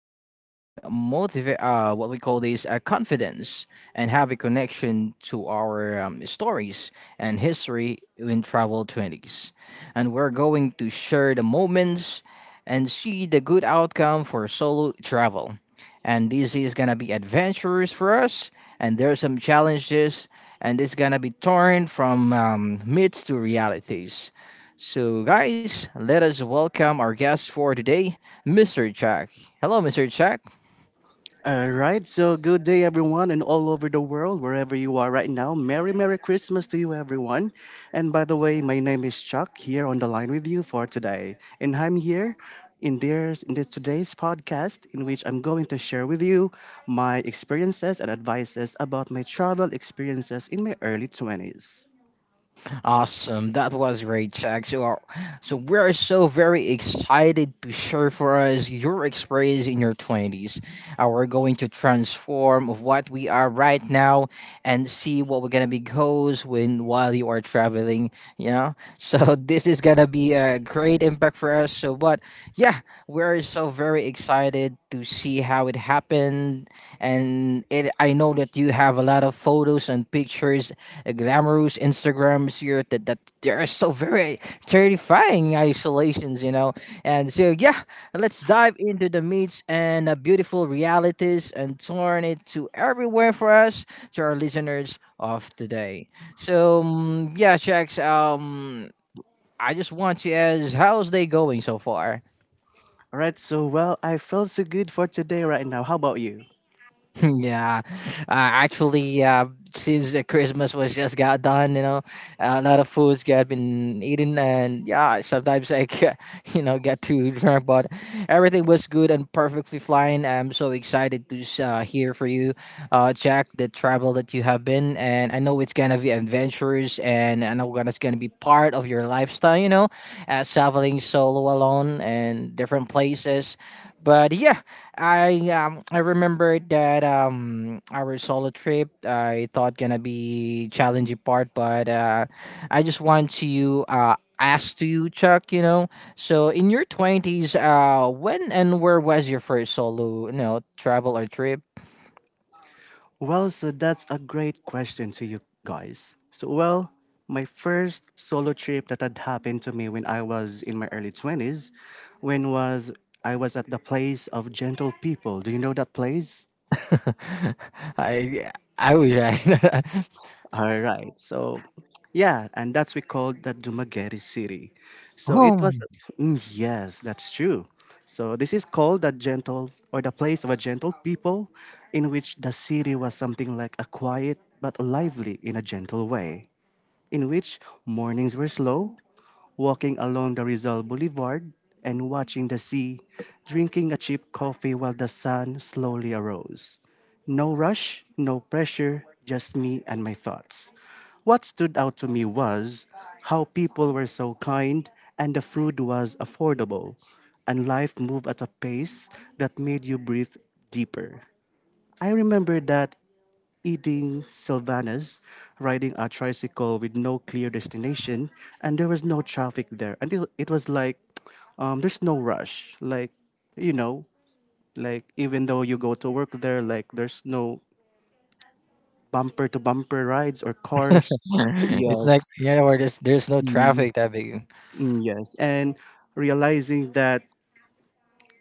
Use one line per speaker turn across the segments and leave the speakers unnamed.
a fostering motivate, what we call this, confidence, and have a connection to our stories and history in travel 20s, and we're going to share the moments and see the good outcome for solo travel. And this is gonna be adventurous for us, and there are some challenges and it's gonna be torn from myths to realities. So, guys, let us welcome our guest for today, Mr. Jack. Hello, Mr. Jack.
All right, so good day, everyone, and all over the world, wherever you are right now. Merry Christmas to you, everyone. And by the way, my name is Chuck, here on the line with you for today. And I'm here in this today's podcast, in which I'm going to share with you my experiences and advices about my travel experiences in my early 20s.
Awesome. That was great, Jack. So we are so very excited to share for us your experience in your 20s. We're going to transform of what we are right now and see what we're going to be goes when while you are traveling, you know? So this is going to be a great impact for us. So, but yeah, we're so very excited to see how it happened and it I know that you have a lot of photos and pictures, glamorous Instagrams here that they are so very terrifying isolations. And so yeah, let's dive into the myths and the beautiful realities and turn it to everywhere for us to our listeners of today. So yeah, Shax. I just want to ask, how's they going so far?
All right, so well, I feel so good for today right now. How about you?
Yeah, actually, since Christmas was just got done, you know, a lot of foods got been eaten, and yeah, sometimes I get, you know get too drunk, but everything was good and perfectly fine. I'm so excited to hear for you, Jack, the travel that you have been, and I know it's gonna be adventurous, and I know it's gonna be part of your lifestyle, you know, traveling solo alone and different places but yeah, I remember that our solo trip I thought gonna be challenging part, but I just want to ask to you, Chuck. You know, so in your 20s, when and where was your first solo, you know, travel or trip?
Well, so that's a great question to you guys. So, well, my first solo trip that had happened to me when I was in my early 20s, when was I was at the place of gentle people. Do you know that place?
I I wish I.
All right. So, yeah, and that's we called the Dumaguete City. So it was.
home.
Mm, yes, that's true. So this is called the gentle or the place of a gentle people in which the city was something like a quiet but lively in a gentle way, in which mornings were slow, walking along the Rizal Boulevard and watching the sea, drinking a cheap coffee while the sun slowly arose. No rush, no pressure, just me and my thoughts. What stood out to me was how people were so kind and the food was affordable, and life moved at a pace that made you breathe deeper. I remember that eating sylvanas, riding a tricycle with no clear destination, and there was no traffic there. Until it was like, there's no rush. Like, you know, like even though you go to work there, like there's no bumper to bumper rides or cars.
It's
Yes,
like yeah, where there's no traffic that big.
mm, yes, and realizing that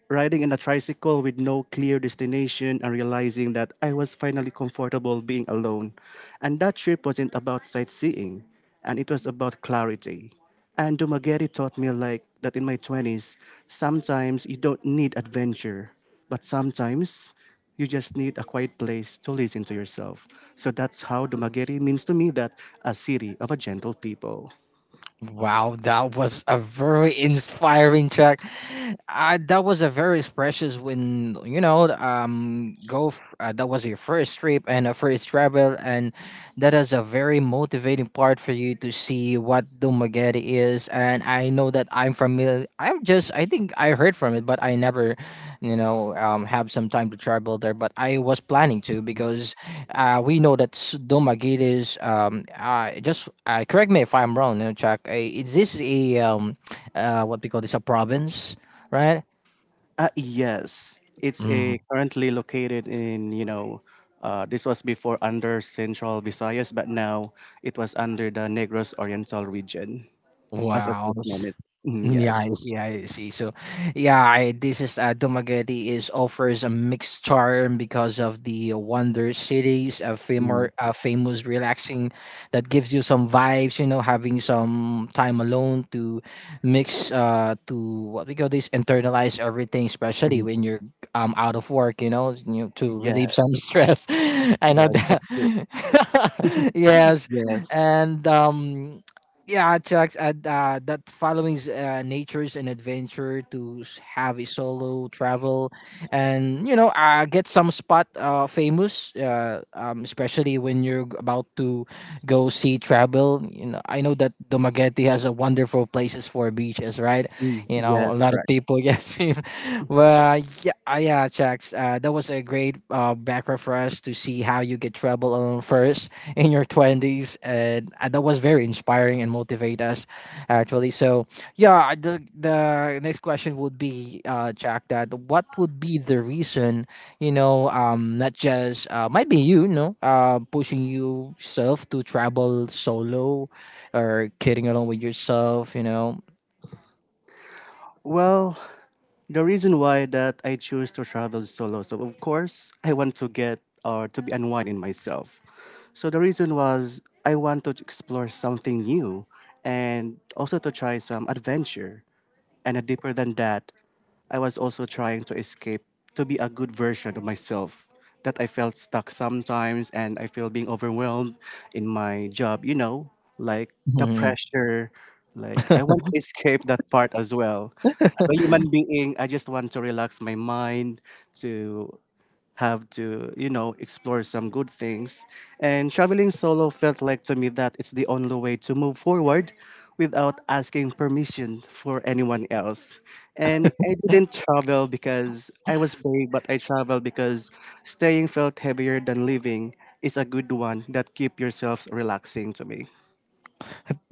riding in a tricycle with no clear destination and realizing that I was finally comfortable being alone. And that trip wasn't about sightseeing, and it was about clarity. And Dumaguete taught me like that in my 20s, sometimes you don't need adventure, but sometimes you just need a quiet place to listen to yourself. So that's how Dumaguete means to me that a city of a gentle people.
Wow, that was a very inspiring track. That was a very precious when you know go. That was your first trip and a first travel, and that is a very motivating part for you to see what Dumaguete is. And I know that I'm familiar. I think I heard from it, but I never, you know, have some time to travel there. But I was planning to because we know that Domagate is just correct me if I'm wrong, you know, Chuck. Is this a what we call this a province, right?
Yes, it's a
Mm.
currently located in, you know, this was before under Central Visayas, but now it was under the Negros Oriental region as of
Wow.
this moment. Mm,
Yeah,
yes.
I see. I see. So, yeah, I, this is Dumaguete is offers a mixed charm because of the Wonder Cities,
Mm,
a famous relaxing that gives you some vibes. You know, having some time alone to mix, to what we call this, internalize everything, especially
mm,
when you're out of work. You know, you to
yeah.
relieve some stress. I know
Yes,
that.
that's true.
Yes,
Yes.
and yeah, Chucks, and that following's nature's an adventure to have a solo travel, and you know, get some spot famous, especially when you're about to go see travel. You know, I know that Dumaguete has a wonderful places for beaches, right?
Mm,
You know,
yes,
a lot of
correct.
people get swim. Well, yeah, yeah, Chucks, that was a great background for us to see how you get travel on first in your 20s and that was very inspiring and motivate us actually so yeah the next question would be Jack that what would be the reason you know not just might be you, you know pushing yourself to travel solo or kidding along with yourself you know.
Well, the reason why that I choose to travel solo. So of course, I want to get or to be unwind in myself. So the reason was I want to explore something new and also to try some adventure and deeper than that, I was also trying to escape to be a good version of myself. That I felt stuck sometimes and I feel being overwhelmed in my job, you know, like the pressure. Like I want to escape that part as well. As a human being, I just want to relax my mind to have to, you know, explore some good things. And traveling solo felt like to me that it's the only way to move forward without asking permission for anyone else. And I didn't travel because I was brave, but I traveled because staying felt heavier than living is a good one that keep yourselves relaxing to me.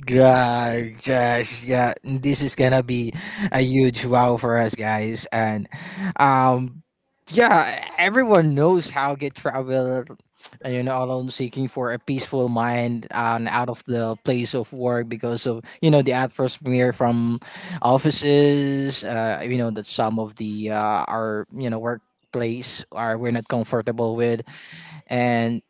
Gosh, yeah, this is gonna be a huge wow for us guys, and um, yeah, everyone knows how get travel, you know, alone seeking for a peaceful mind and out of the place of work because of you know the atmosphere from offices, you know that some of the our you know workplace are we're not comfortable with, and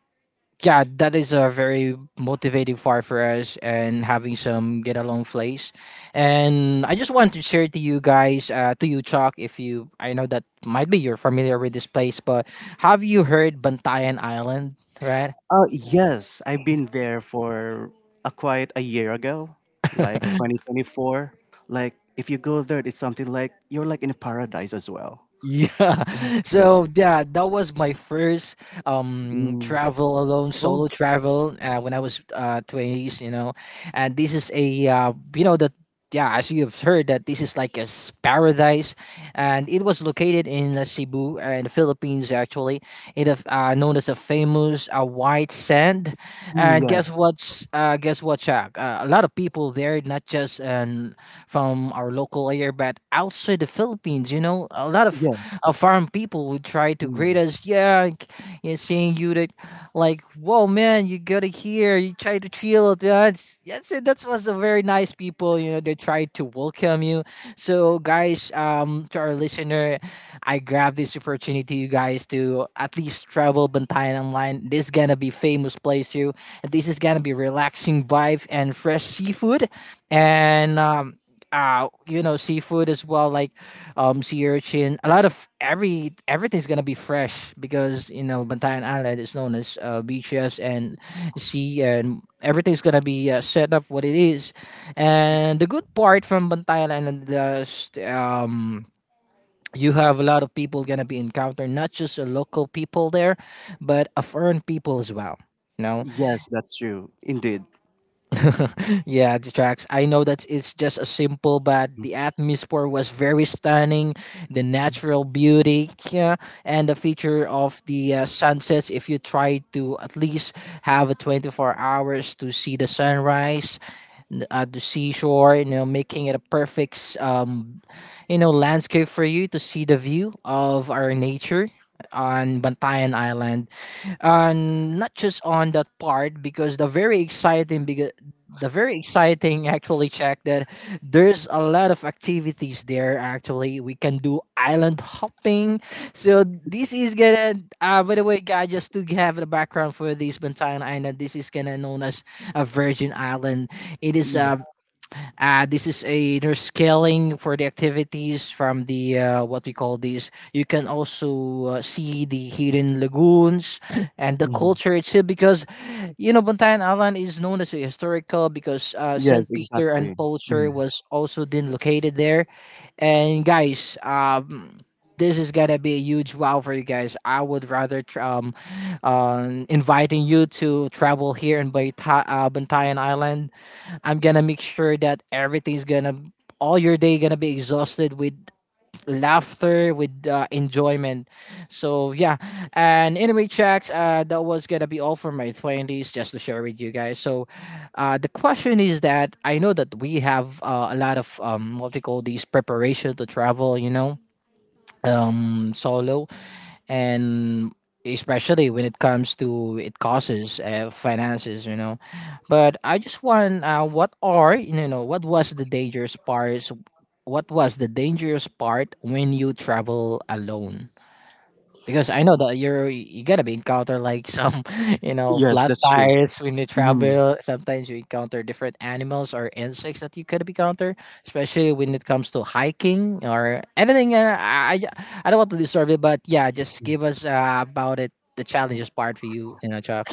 yeah, that is a very motivating part for us and having some get along plays. And I just want to share to you guys, to you Chuck, if you I know that might be you're familiar with this place, but have you heard Bantayan Island, right?
Yes, I've been there for a quite a year ago, like 2024. Like, if you go there, it's something like you're like in a paradise as well.
Yeah. So
Yes.
yeah, that was my first
Mm.
travel alone,
Oh,
solo travel when I was 20s, you know. And this is a you know that yeah, as you have heard that this is like a paradise and it was located in Cebu in the Philippines actually. It is known as a famous white sand.
mm,
And guess
yes.
what's guess what, Chuck? A lot of people there, not just from our local area, but outside the Philippines, you know, a lot
Yes.
of foreign people would try to greet
Mm.
us. Yeah, like, yeah, saying you that, like, whoa, man, you gotta hear, you try to chill. Yeah, it's, that's it. That was a very nice people, you know, they try to welcome you. So, guys, to our listener, I grab this opportunity, you guys, to at least travel Bantayan online. This is gonna be famous place, you. This is gonna be relaxing vibe and fresh seafood, and you know seafood as well like sea urchin, a lot of everything's gonna be fresh because you know Bantayan Island is known as beaches and sea and everything's gonna be set up what it is, and the good part from Bantayan Island is you have a lot of people gonna be encountering not just a local people there but a foreign people as well, you know.
Yes, that's true. Indeed.
Yeah, the tracks. I know that it's just a simple, but
Mm.
the atmosphere was very stunning. The natural beauty, yeah, and the feature of the sunsets. If you try to at least have a 24 hours to see the sunrise at the seashore, you know, making it a perfect, you know, landscape for you to see the view of our nature on Bantayan Island, and not just on that part, because the very exciting, because the very exciting, actually check, that there's a lot of activities there. Actually we can do island hopping, so this is gonna by the way guys, just to have the background for this Bantayan Island, this is gonna known as a virgin island. It is
Yeah.
a this is a there's scaling for the activities from the what we call these. You can also see the hidden lagoons and the
Mm.
culture itself, because you know Bantayan Island is known as a historical because Saint
Yes,
Peter
exactly.
and Paul
Mm.
Church was also then located there. And guys, this is gonna be a huge wow for you guys. I would rather inviting you to travel here in Bantayan Island. I'm gonna make sure that everything's gonna all your day gonna be exhausted with laughter, with enjoyment. So yeah, and anyway, checks. That was gonna be all for my 20s, just to share with you guys. So, the question is that I know that we have a lot of what we call these preparation to travel. You know, solo, and especially when it comes to it causes finances, you know, but I just want what are you know what was the dangerous parts? What was the dangerous part when you travel alone, because I know that you're you gotta be encounter like some you know
Yes,
flat
that's true.
tires when you
Mm.
travel. Sometimes you encounter different animals or insects that you could encounter, especially when it comes to hiking or anything. I don't want to disturb it, but yeah, just give us about it the challenges part for you, you know, Chuck.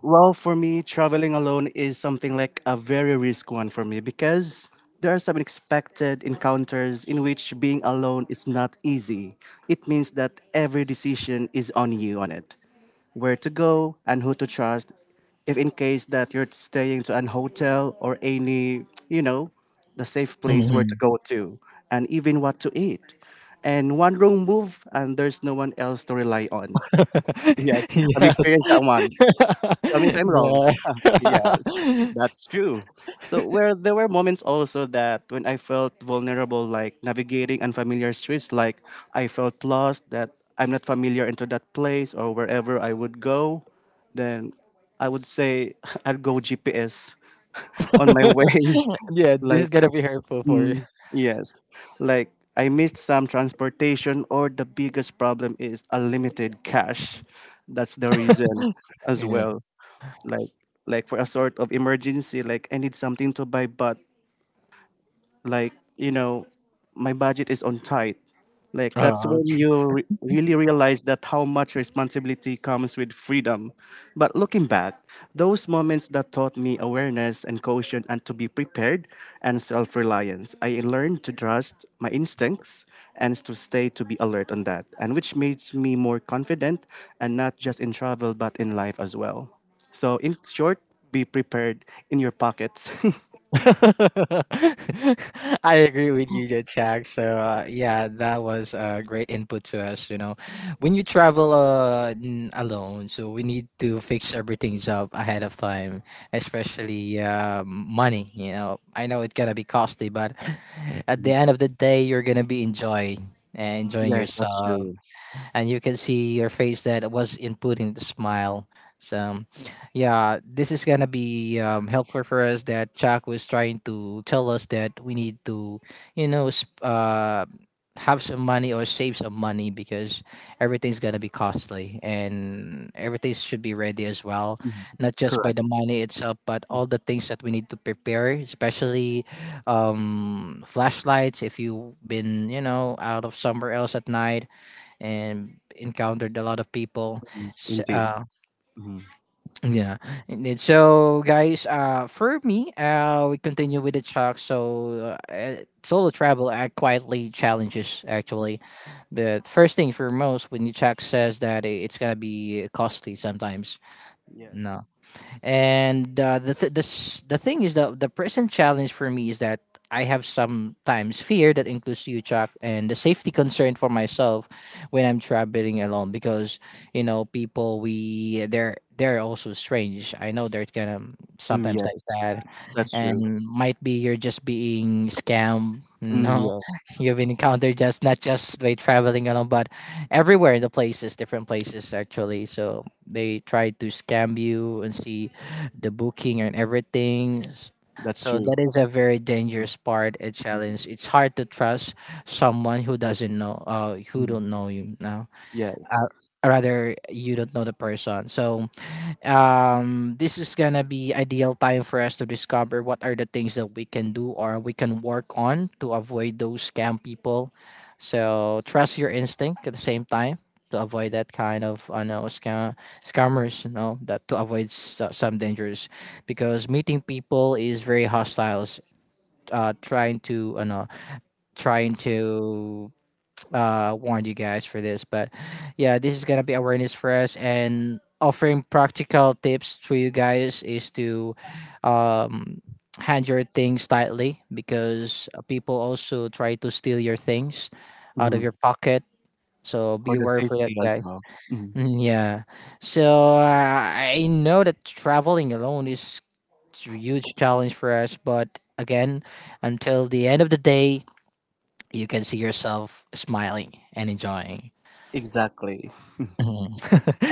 Well, for me, traveling alone is something like a very risk one for me because there are some unexpected encounters in which being alone is not easy. It means that every decision is on you on it. Where to go and who to trust if in case that you're staying to an hotel or any, you know, the safe place where to
Mhm.
go to and even what to eat. And one wrong move and there's no one else to rely on. Yes. Have you
Yes.
experienced that one? Tell me if I'm wrong.
Yeah.
Yes, that's true. So where there were moments also that when I felt vulnerable, like navigating unfamiliar streets, like I felt lost, that I'm not familiar into that place or wherever I would go, then I would say I'd go GPS on my way.
Yeah. This is
Like
gonna be hurtful for you.
mm, yes, like I missed some transportation, or the biggest problem is unlimited cash. That's the reason as
Yeah.
well, like like for a sort of emergency, like I need something to buy, but like, you know, my budget is on tight. Like that's
Oh.
when you really realize that how much responsibility comes with freedom, but looking back, those moments that taught me awareness and caution and to be prepared and self-reliance. I learned to trust my instincts and to stay to be alert on that and which makes me more confident, and not just in travel but in life as well. So in short, be prepared in your pockets.
I agree with you, there, Jack. So yeah, that was a great input to us. You know, when you travel alone, so we need to fix everything up ahead of time, especially money. I know it's gonna be costly, but at the end of the day, you're gonna be enjoy and enjoying
Yes, that's
yourself,
true.
and you can see your face that was inputting the smile. So, yeah, this is gonna be helpful for us. That Chuck was trying to tell us that we need to, you know, sp- uh, have some money or save some money, because everything's gonna be costly and everything should be ready as well.
Mhm.
Not just by the
Correct.
money itself, but all the things that we need to prepare, especially flashlights. If you've been, out of somewhere else at night, and encountered a lot of people.
Mm,
S
indeed. Mhm.
yeah. Indeed. So, guys, for me, we continue with the talk. So, solo travel, quietly challenges actually. But first thing for most, when you check, says that it's gonna be costly sometimes.
Yes.
No, and the thing is, the present challenge for me is that I have sometimes fear that includes you, Chuck, and the safety concern for myself when I'm traveling alone, because people, we they're also strange. I know they're kind of
Mm,
sometimes like
yes,
that,
that's true.
and might be you're just being scammed.
Mm,
No,
yes,
you've been encountered, just not just by traveling alone, but everywhere in the places, different places actually. So they try to scam you and see the booking and everything.
that's
So
true.
that is a very dangerous part, a
Mhm.
challenge. It's hard to trust someone who doesn't know, who
Mm,
don't know you now.
yes.
Uh, rather, you don't know the person. So this is gonna be ideal time for us to discover what are the things that we can do or we can work on to avoid those scam people. So trust your instinct at the same time to avoid that kind of, I know, scammers, that, to avoid some dangers, because meeting people is very hostile. Trying to, you know, trying to warned you guys for this. But yeah, this is gonna be awareness for us, and offering practical tips to you guys is to um hand your things tightly, because people also try to steal your things out of
Mhm.
your pocket. So be
For the
aware for that,
safety as
guys.
well. Mhm.
Mm, yeah. So I know that traveling alone is it's a huge challenge for us, but again, until the end of the day, you can see yourself smiling and enjoying.
Exactly.
Mhm.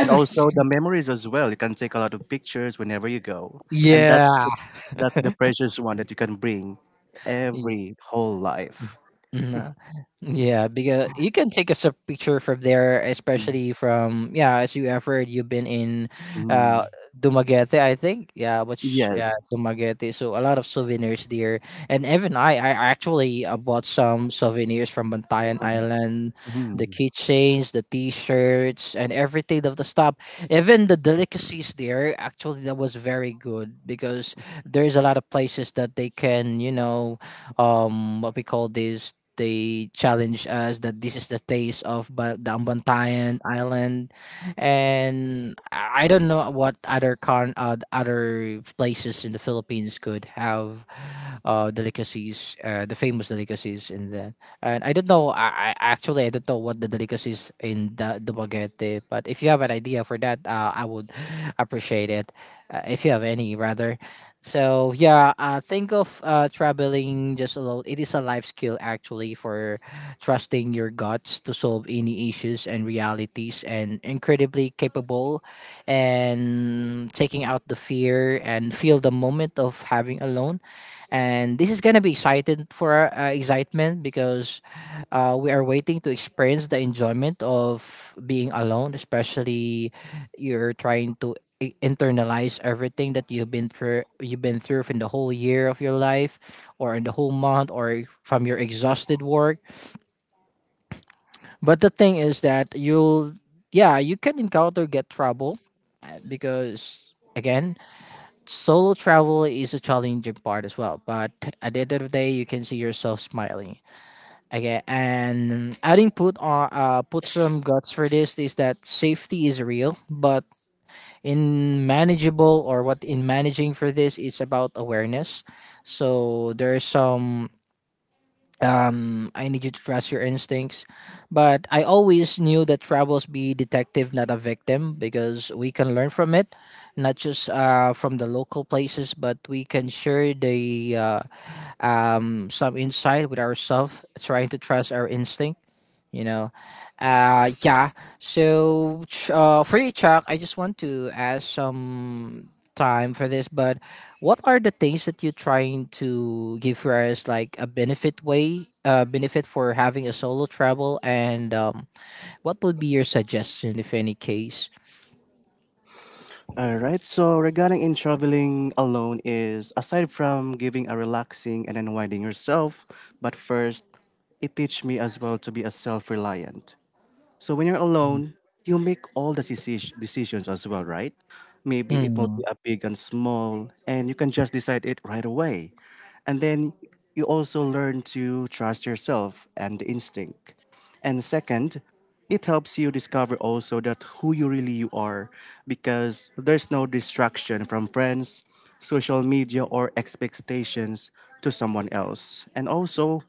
And also the memories as well. You can take a lot of pictures whenever you go. And
Yeah.
that's it. That's the precious one that you can bring every whole life.
Mhm. Yeah, because you can take us a picture from there, especially from, yeah, as you've been in uh
Mhm.
Dumaguete, I think. Yeah, which, yeah,
Yes.
Dumaguete. So a lot of souvenirs there. And even I actually bought some souvenirs from Bantayan Island, the
Mhm.
keychains, the t-shirts, and everything of the stuff. Even the delicacies there, actually, that was very good, because there's a lot of places that they can, what we call this, they challenged us that this is the taste of the Ambantayan Island. And I don't know what other places in the Philippines could have, delicacies, the famous delicacies in there. And I don't know. I actually, I don't know what the delicacies in the Bagete, but if you have an idea for that, I would appreciate it. If you have any, rather. So yeah, think of traveling just alone. It is a life skill actually, for trusting your guts to solve any issues and realities, and incredibly capable, and taking out the fear and feel the moment of having alone. And this is gonna be excited for, excitement, because we are waiting to experience the enjoyment of being alone, especially you're trying to internalize everything that you've been through in the whole year of your life, or in the whole month, or from your exhausted work. But the thing is that you'll yeah, you can encounter, get trouble, because again, solo travel is a challenging part as well. But at the end of the day, you can see yourself smiling. Okay, and adding, put some guts for this, is that safety is real, but in manageable, or what, in managing for this is about awareness. So there's some, I need you to trust your instincts. But I always knew that travels, be detective, not a victim, because we can learn from it. Not just from the local places, but we can share the some insight with ourselves, trying to trust our instinct, you know yeah. So for you, Chuck, I just want to ask some time for this, but what are the things that you're trying to give for us, like a benefit way benefit for having a solo travel, and what would be your suggestion, if any case.
All right. So regarding in traveling alone is aside from giving a relaxing and unwinding yourself, but first it teach me as well to be a self-reliant. So when you're alone, you make all the decisions as well, right? Maybe it will be a big and small, and you can just decide it right away. And then you also learn to trust yourself and instinct. And second, it helps you discover also that who you really you are because there's no distraction from friends, social media or expectations to someone else. And also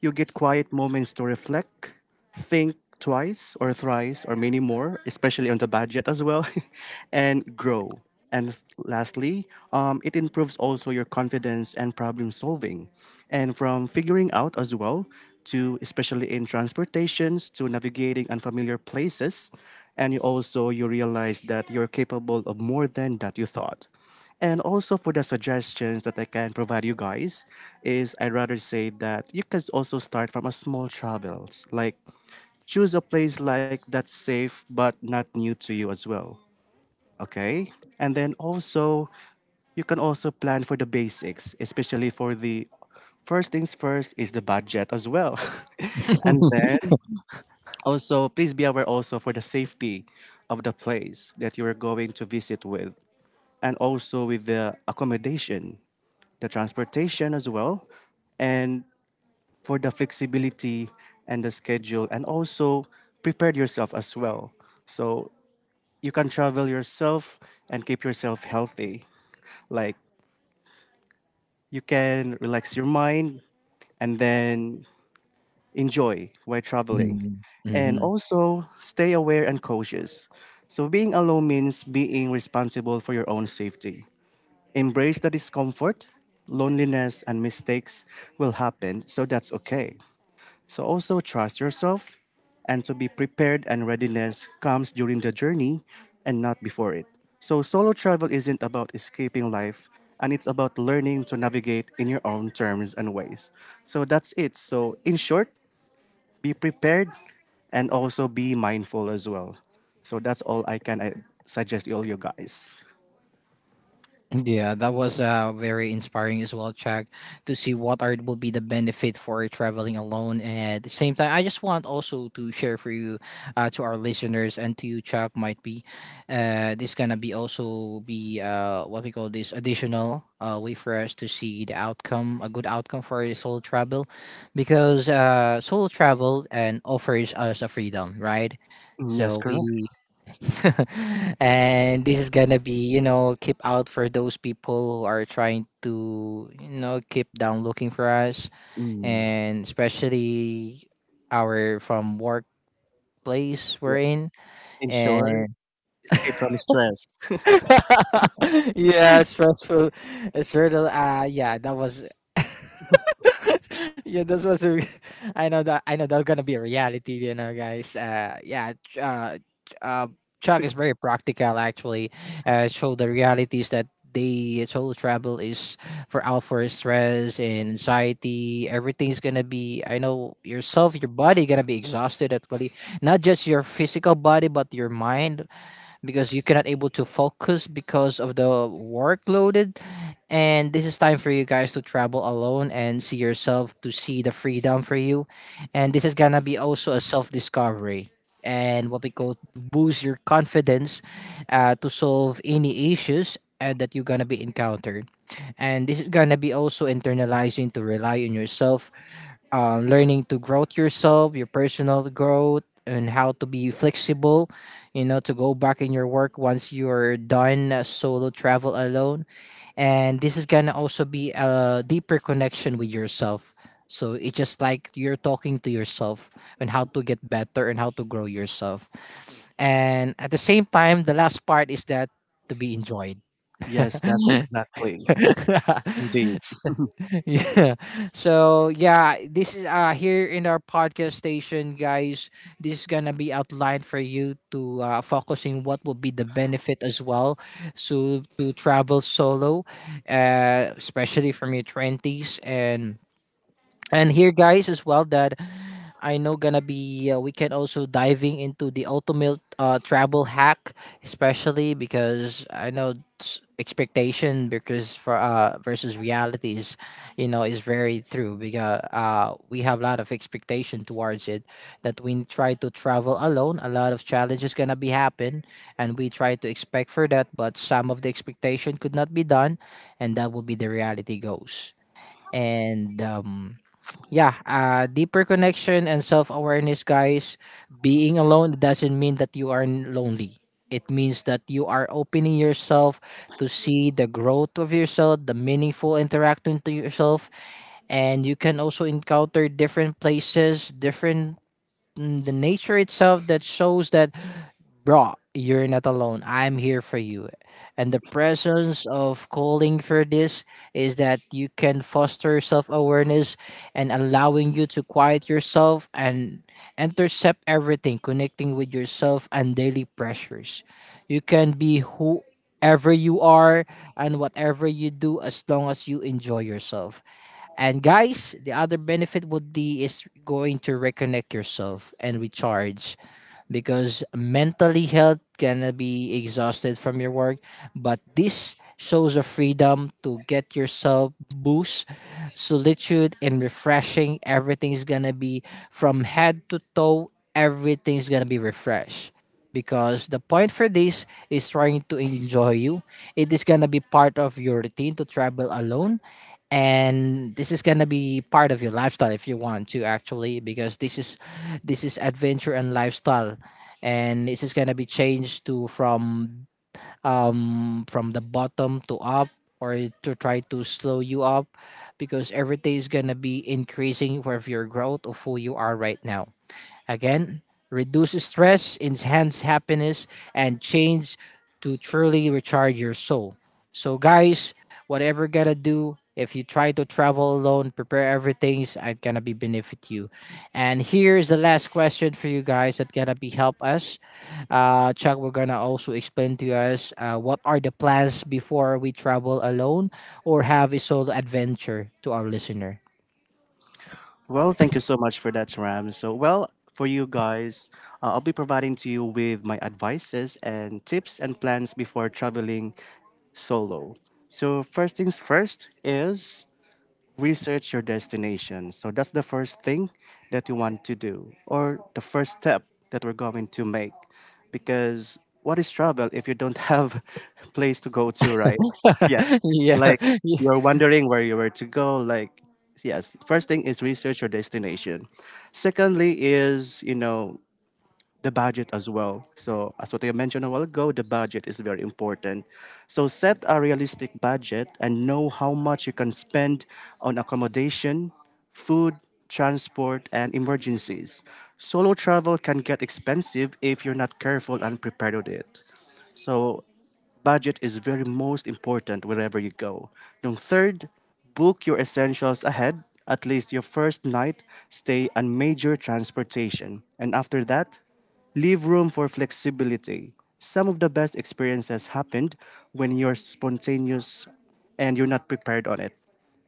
you get quiet moments to reflect, think twice or thrice or many more, especially on the budget as well, and grow. And lastly, it improves also your confidence and problem solving. And from figuring out as well, to especially in transportations, to navigating unfamiliar places, and you also you realize that you're capable of more than that you thought. And also for the suggestions that I can provide you guys is I'd rather say that you can also start from a small travels. Like choose a place like that's safe but not new to you as well. Okay? And then also you can also plan for the basics, especially for the first things first is the budget as well. And then also please be aware also for the safety of the place that you are going to visit with and also with the accommodation, the transportation as well, and for the flexibility and the schedule, and also prepare yourself as well. So you can travel yourself and keep yourself healthy. Like you can relax your mind and then enjoy while traveling. And
Mm-hmm.
also stay aware and cautious. So being alone means being responsible for your own safety. Embrace the discomfort, loneliness, and mistakes will happen, so that's okay. So also trust yourself and to be prepared and readiness comes during the journey and not before it. So solo travel isn't about escaping life and it's about learning to navigate in your own terms and ways. So that's it. So in short, be prepared and also be mindful as well. So that's all I can suggest all you guys.
Yeah, that was very inspiring as well, Chuck, to see what are will be the benefit for traveling alone. And at the same time, I just want also to share for you, to our listeners, and to you, Chuck, might be, this gonna be also be, what we call this, additional way for us to see the outcome, a good outcome for a solo travel, because solo travel and offers us a freedom, right?
Mm, yes,
So
correct.
we and this is gonna be, keep out for those people who are trying to, keep down looking for us,
Mm,
and especially our from workplace we're in,
in short,
and
escape from stress.
yeah, stressful. It's really, yeah, that was yeah, that's was a, I know that, I know that's gonna be a reality, guys. Yeah, Ch- uh, Chuck is very practical actually. Show the realities that they solo travel is for out for stress and anxiety. Everything's gonna be. I know, yourself, your body gonna be exhausted actually. Not just your physical body, but your mind, because you cannot able to focus because of the workloaded. And this is time for you guys to travel alone and see yourself, to see the freedom for you. And this is gonna be also a self-discovery, and what we call boost your confidence, to solve any issues, that you're gonna be encountered. And this is gonna be also internalizing to rely on yourself, learning to growth yourself, your personal growth, and how to be flexible, to go back in your work once you're done, solo travel alone. And this is gonna also be a deeper connection with yourself. So it's just like you're talking to yourself, and how to get better and how to grow yourself. And at the same time, the last part is that to be enjoyed.
Yes, that's exactly. Indeed.
Yeah. So yeah, this is here in our podcast station, guys. This is gonna be outlined for you to focusing what would be the benefit as well, so to travel solo, especially from your twenties, and here, guys, as well, that I know gonna be, we can also diving into the ultimate travel hack, especially because I know it's expectation, because for versus reality is, is very true, because we have a lot of expectation towards it, that we try to travel alone, a lot of challenges gonna be happen, and we try to expect for that, but some of the expectation could not be done, and that will be the reality goes. And yeah, deeper connection and self awareness, guys. Being alone doesn't mean that you are lonely. It means that you are opening yourself to see the growth of yourself, the meaningful interaction to yourself, and you can also encounter different places, different, the nature itself, that shows that, bro, you're not alone, I'm here for you. And the presence of calling for this is that you can foster self-awareness and allowing you to quiet yourself, and intercept everything, connecting with yourself and daily pressures. You can be whoever you are and whatever you do, as long as you enjoy yourself. And guys, the other benefit would be is going to reconnect yourself and recharge, because mentally health can be exhausted from your work, but this shows a freedom to get yourself boost, solitude and refreshing. Everything's gonna be, from head to toe, everything's gonna be refreshed, because the point for this is trying to enjoy you. It is gonna be part of your routine to travel alone, and this is gonna be part of your lifestyle if you want to actually, because this is adventure and lifestyle, and this is gonna be changed to from the bottom to up or to try to slow you up because every day is going to be increasing for your growth of who you are right now. Again, reduce stress, enhance happiness, and change to truly recharge your soul. So, guys, whatever gotta do, if you try to travel alone, prepare everything. It's gonna be benefit you. And here's the last question for you guys that gonna be help us. Chuck, we're gonna also explain to us what are the plans before we travel alone or have a solo adventure to our listener.
Well, thank you so much for that, Ram. So, well, for you guys, I'll be providing to you with my advices and tips and plans before traveling solo. So, first things first is research your destination. So that's the first thing that you want to do, or the first step that we're going to make. Because what is travel if you don't have a place to go to, right? Yeah,
Yeah.
like you're wondering where you were to go. Like, yes, first thing is research your destination. Secondly, is you know the budget as well. So, as what I mentioned a while ago, the budget is very important. So, set a realistic budget and know how much you can spend on accommodation, food, transport, and emergencies. Solo travel can get expensive if you're not careful and prepared with it. So, budget is very most important wherever you go. Yung third, book your essentials ahead, at least your first night, stay and major transportation. And after that, leave room for flexibility. Some of the best experiences happened when you're spontaneous and you're not prepared on it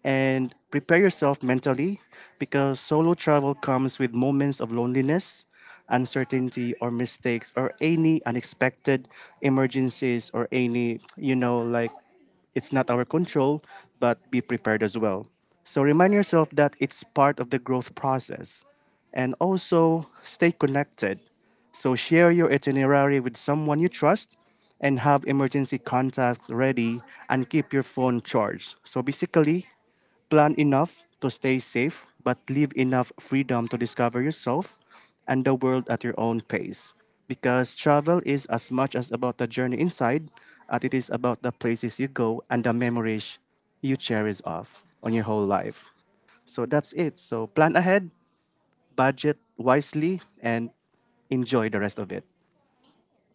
and prepare yourself mentally because solo travel comes with moments of loneliness, uncertainty or mistakes or any unexpected emergencies or any like it's not our control, but be prepared as well. So remind yourself that it's part of the growth process. And also stay connected. So share your itinerary with someone you trust and have emergency contacts ready and keep your phone charged. So basically, plan enough to stay safe, but leave enough freedom to discover yourself and the world at your own pace. Because travel is as much as about the journey inside as it is about the places you go and the memories you cherish of on your whole life. So that's it. So plan ahead, budget wisely, and enjoy the rest of it.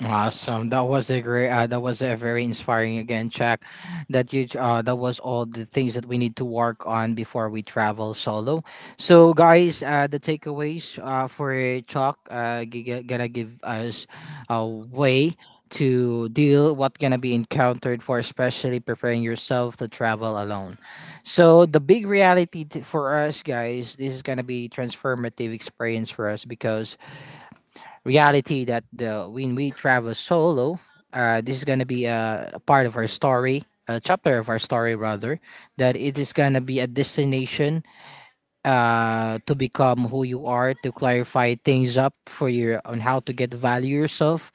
Awesome. That was a great. That was a very inspiring again check. That you. That was all the things that we need to work on before we travel solo. So, guys, the takeaways for Chuck, gonna give us a way to deal what gonna be encountered for, especially preparing yourself to travel alone. So the big reality for us guys, this is gonna be transformative experience for us because reality that the when we travel solo, this is gonna be a part of our story, a chapter of our story rather, that it is gonna be a destination to become who you are, to clarify things up for your on how to get value yourself,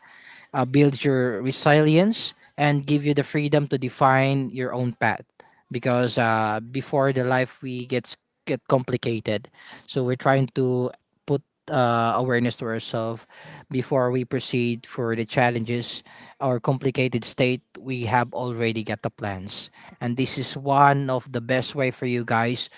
build your resilience and give you the freedom to define your own path because before the life we get complicated, so we're trying to put awareness to ourselves before we proceed for the challenges or complicated state we have already got the plans, and this is one of the best way for you guys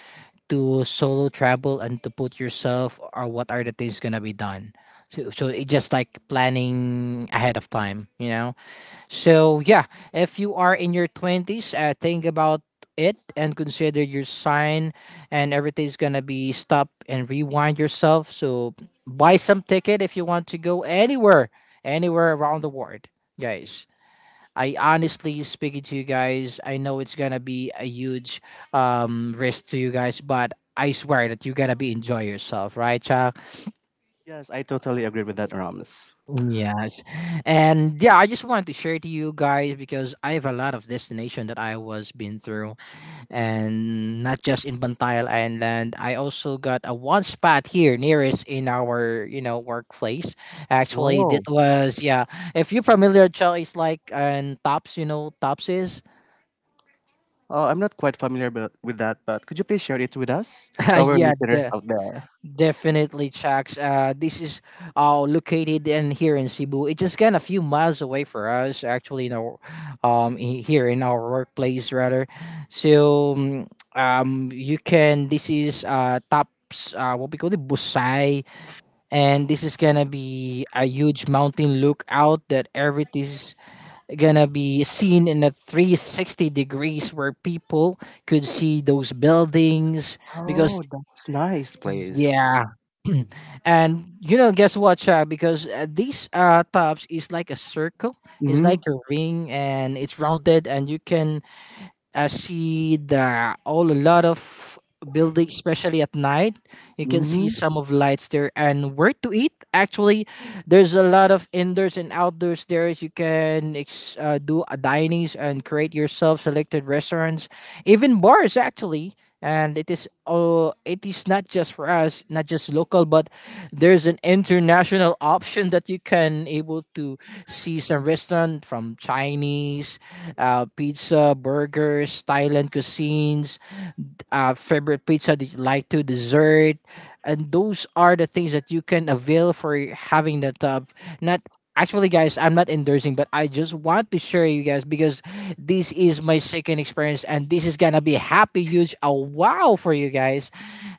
to solo travel and to put yourself or what are the things gonna be done, so it just like planning ahead of time, you know. So yeah, if you are in your 20s, think about it and consider your sign, and everything's gonna be stop and rewind yourself. So buy some ticket if you want to go anywhere, anywhere around the world, guys. I honestly speaking to you guys, I know it's gonna be a huge risk to you guys, but I swear that you're gonna be enjoy yourself, right, Chuck?
Yes, I totally agree with that, Rams.
Yes. And yeah, I just wanted to share to you guys because I have a lot of destination that I was been through, and not just in Bantayan Island. I also got a one spot here nearest in our, you know, workplace. Actually that was yeah. If you're familiar, Chuck, it's like and tops, you know, tops is
I'm not quite familiar with that, but could you please share it with us, to our
yeah,
listeners
the,
out there?
definitely, Chax. This is located in here in Cebu. It's just kind of a few miles away for us, actually, in our, here in our workplace rather. So, you can. This is Taps. What we call it, Busay, and this is gonna be a huge mountain lookout that everything is gonna be seen in a 360 degrees where people could see those buildings because
Oh, that's nice place.
yeah. And you know, guess what, Chuck? Because these tops is like a circle, it's
Hmm.
like a ring, and it's rounded, and you can see the all a lot of buildings, especially at night. You can
Hmm.
see some of lights there and where to eat. Actually, there's a lot of indoors and outdoors there. You can do a dinings and create yourself selected restaurants, even bars actually. And it is oh, it is not just for us, not just local, but there's an international option that you can able to see some restaurant from Chinese, pizza, burgers, Thailand cuisines, favorite pizza that you like to dessert, and those are the things that you can avail for having that tub not actually, guys, I'm not endorsing, but I just want to share you guys because this is my second experience and this is gonna be happy huge a wow for you guys.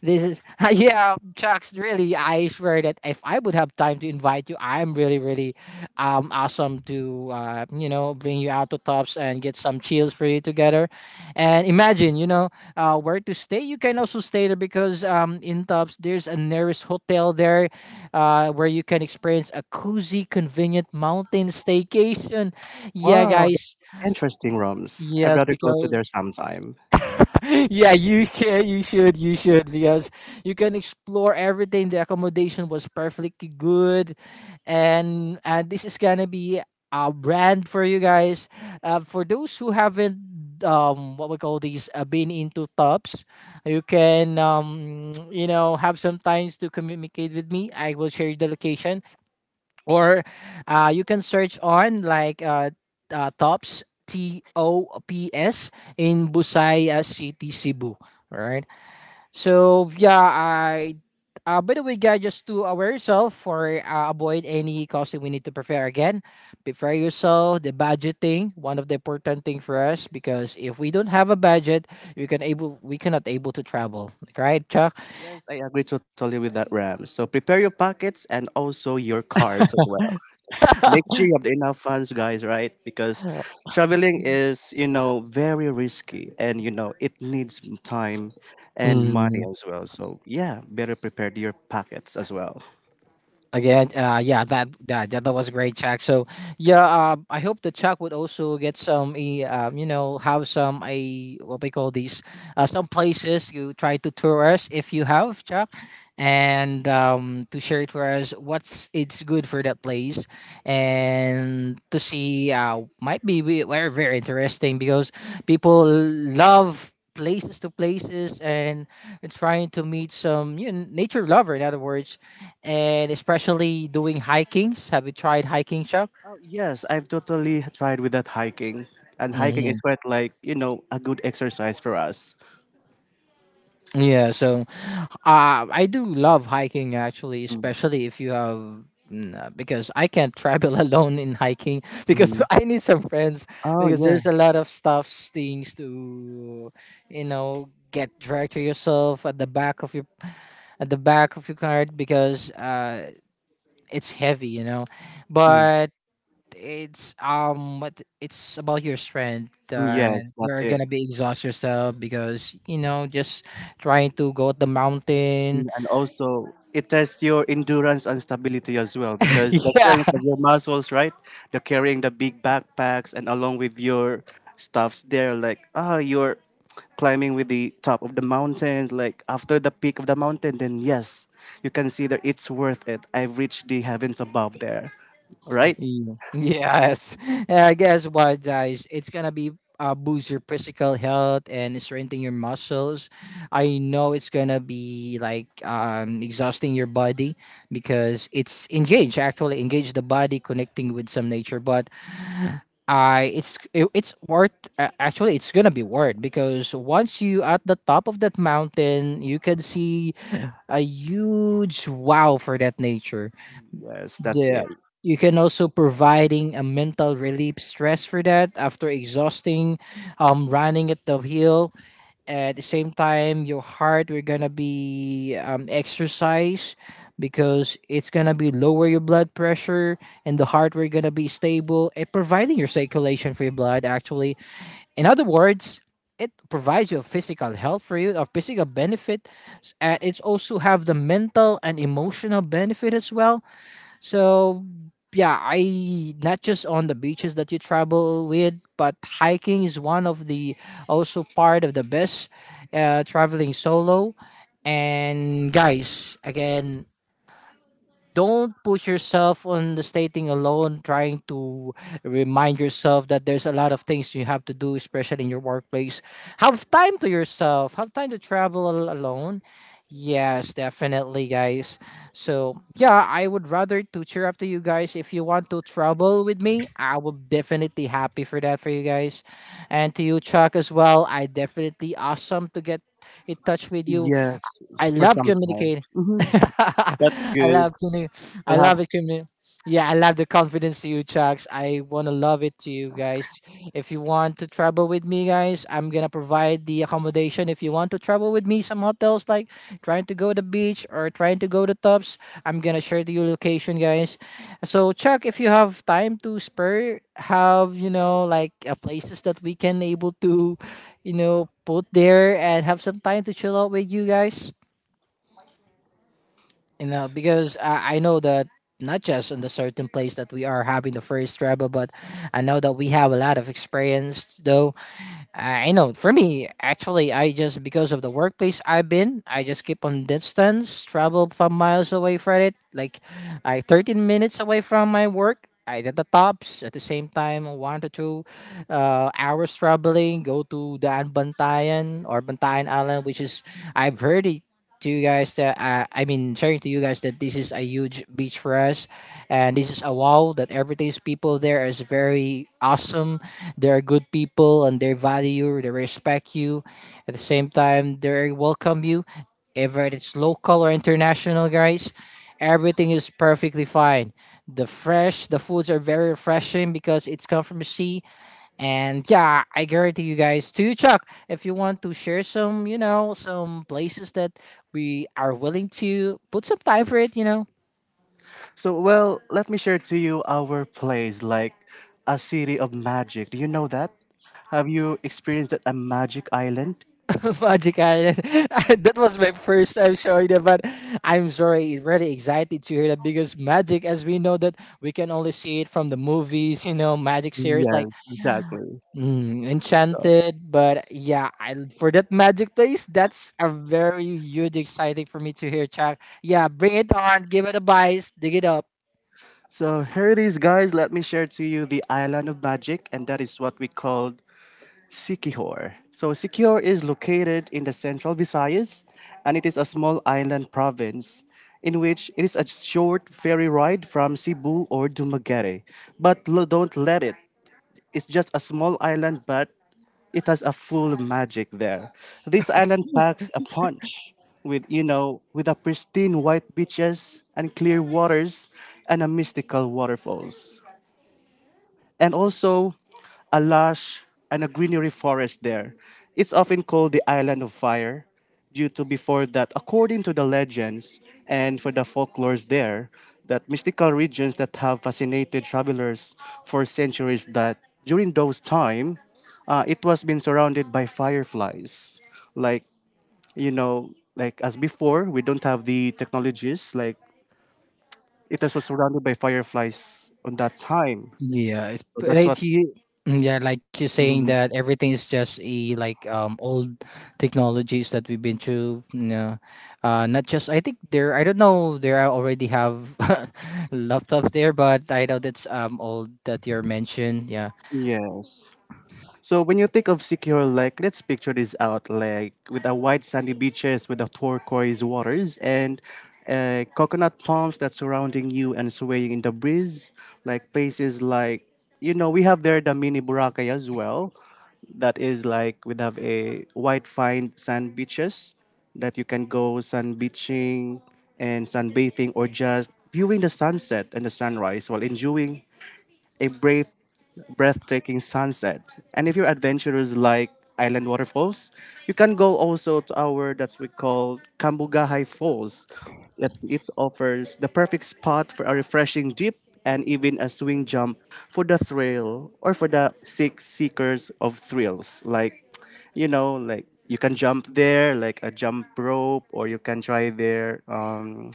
This is yeah Chucks, really, I swear that if I would have time to invite you I'm really really awesome to you know bring you out to tops and get some chills for you together and imagine you know where to stay, you can also stay there because in Tubbs there's a nearest hotel there where you can experience a cozy, convenient mountain staycation. Yeah,
Wow,
guys.
that's interesting rooms. I'd
Yes,
rather go to
because
there sometime.
yeah, you should, because you can explore everything. The accommodation was perfectly good, and this is gonna be a brand for you guys. For those who haven't, what we call these, been into tubs, you can, you know, have some times to communicate with me. I will share the location or you can search on like tops T O P S in Busaya City, Cebu. All right. So yeah, I. By the way, guys, just to aware yourself for avoid any costing we need to prepare again. Prepare yourself the budgeting, one of the important thing for us because if we don't have a budget, we cannot able to travel. Right, Chuck?
Yes, I agree totally with that, Ram. So prepare your pockets and also your cards as well. Make sure you have enough funds, guys, right? Because traveling is, you know, very risky and, you know, it needs time and money as well. So, yeah, better prepare your pockets as well.
Again, yeah, that was a great check. So yeah, I hope the Chuck would also get some, you know, have some a what we call these, some places you try to tour us if you have Chuck, and to share to us what's it's good for that place, and to see might be very very interesting because people love places to places and trying to meet some, you know, nature lover, in other words, and especially doing hikings. Have you tried hiking, Chuck?
Oh, yes, I've totally tried with that hiking. And hiking is
Hmm.
quite like, you know, a good exercise for us.
Yeah, so I do love hiking actually,
Mm.
especially if you have because I can't travel alone in hiking because
Mm.
I need some friends
Oh,
because
yeah.
there's a lot of stuff things to you know get dragged to yourself at the back of your cart because it's heavy, you know,
Mm.
but it's what it's about your strength,
Mm. Yes, that's
you're
it.
gonna be exhaust yourself because you know just trying to go up the mountain.
And also it tests your endurance and stability as well because the
Yeah.
strength of your muscles, right, they're carrying the big backpacks and along with your stuffs there, like, ah, you're climbing with the top of the mountain, like after the peak of the mountain, then yes, you consider it's worth it. I've reached the heavens above there, right?
Y- yes, I guess what guys it's gonna be boost your physical health and strengthen your muscles. I know it's gonna be like exhausting your body because it's engage actually engage the body connecting with some nature, but I it's worth actually it's gonna be worth because once you at the top of that mountain you can see a huge wow for that nature.
Yes, that's
The
it.
you can also providing a mental relief stress for that after exhausting running at the hill at the same time your heart we're gonna be exercise because it's gonna be lower your blood pressure and the heart we're gonna be stable it providing your circulation for your blood actually, in other words, it provides you physical health for you or physical benefit, and it's also have the mental and emotional benefit as well. So yeah, I not just on the beaches that you travel with, but hiking is one of the also part of the best. Traveling solo, and guys, again, don't put yourself on the stating alone trying to remind yourself that there's a lot of things you have to do especially in your workplace. Have time to yourself, have time to travel alone. Yes, definitely guys. So yeah, I would rather to cheer up to you guys if you want to travel with me, I will definitely happy for that for you guys, and to you Chuck as well I definitely awesome to get in touch with you.
Yes,
I
for
love
some time.
communicating.
Mhm. That's
I
good.
love communicating. I
We'll
love
have.
it communi- Yeah, I love the confidence to you, Chucks. I wanna love it to you guys. If you want to travel with me, guys, I'm gonna provide the accommodation. If you want to travel with me, some hotels like trying to go to the beach or trying to go to tops, I'm gonna share to you location, guys. So Chuck, if you have time to spare, have you know like places that we can able to, you know, put there and have some time to chill out with you guys, you know, because I know that not just in the certain place that we are having the first travel, but I know that we have a lot of experience though I know for me actually I just because of the workplace I've been I just keep on distance travel 5 miles away from it, like I 13 minutes away from my work. I did the tops at the same time, one to two hours traveling, go to Daan Bantayan or Bantayan Island, which is, I've heard it to you guys that, I mean, sharing to you guys that this is a huge beach for us. And this is a wow that everything's people there is very awesome. They're good people and they value you, they respect you. At the same time, they welcome you. Whether it's local or international, guys, everything is perfectly fine. The fresh, the foods are very refreshing because it's come from the sea. And yeah, I guarantee you guys too, Chuck. If you want to share some, some places that we are willing to put some time for it.
So, well, let me share to you our place, like a city of magic. Do you know that? Have you experienced that a magic island?
Magic Island. That was my first time showing that, but I'm sorry, really excited to hear that because Magic, as we know that we can only see it from the movies, you know, Magic series like
Yes, exactly.
mm,
So,
enchanted, but yeah, I, for that magic place, that's a very huge exciting for me to hear, Chuck. Yeah, bring it on, give it a bite, dig it up.
so here it is, guys. Let me share to you the island of magic, and that is what we called Sikihor. So, Sikihor is located in the central Visayas, and it is a small island province in which it is a short ferry ride from Cebu or Dumaguete. But don't let it. Is just a small island, but it has a full magic there. This island packs a punch with, you know, with a pristine white beaches and clear waters and a mystical waterfalls and also a lush and a greenery forest there. It's often called the Island of Fire due to before that, according to the legends and for the folklores there, that mystical regions that have fascinated travelers for centuries that during those time, it was been surrounded by fireflies. Like, you know, like as before, we don't have the technologies, like it was surrounded by fireflies on that time.
Yeah, it's
So that's
like
what.
you. Yeah, like you're saying
Mm-hmm.
that everything is just a like old technologies that we've been through. No, not just. I think there. I don't know. There I already have laptop there, but I know that's old that you're mentioned. Yeah.
Yes. So when you think of secure lake, let's picture this out like with a white sandy beaches with the turquoise waters and coconut palms that surrounding you and swaying in the breeze, like places like, you know, we have there the mini Boracay as well. That is like we have a white fine sand beaches that you can go sun beaching and sunbathing or just viewing the sunset and the sunrise while enjoying a brave, breathtaking sunset. And if you're adventurous like island waterfalls, you can go also to our that's we call Kambugahay Falls. It offers the perfect spot for a refreshing dip and even a swing jump for the thrill or for the seekers of thrills, like, you know, like you can jump there like a jump rope or you can try their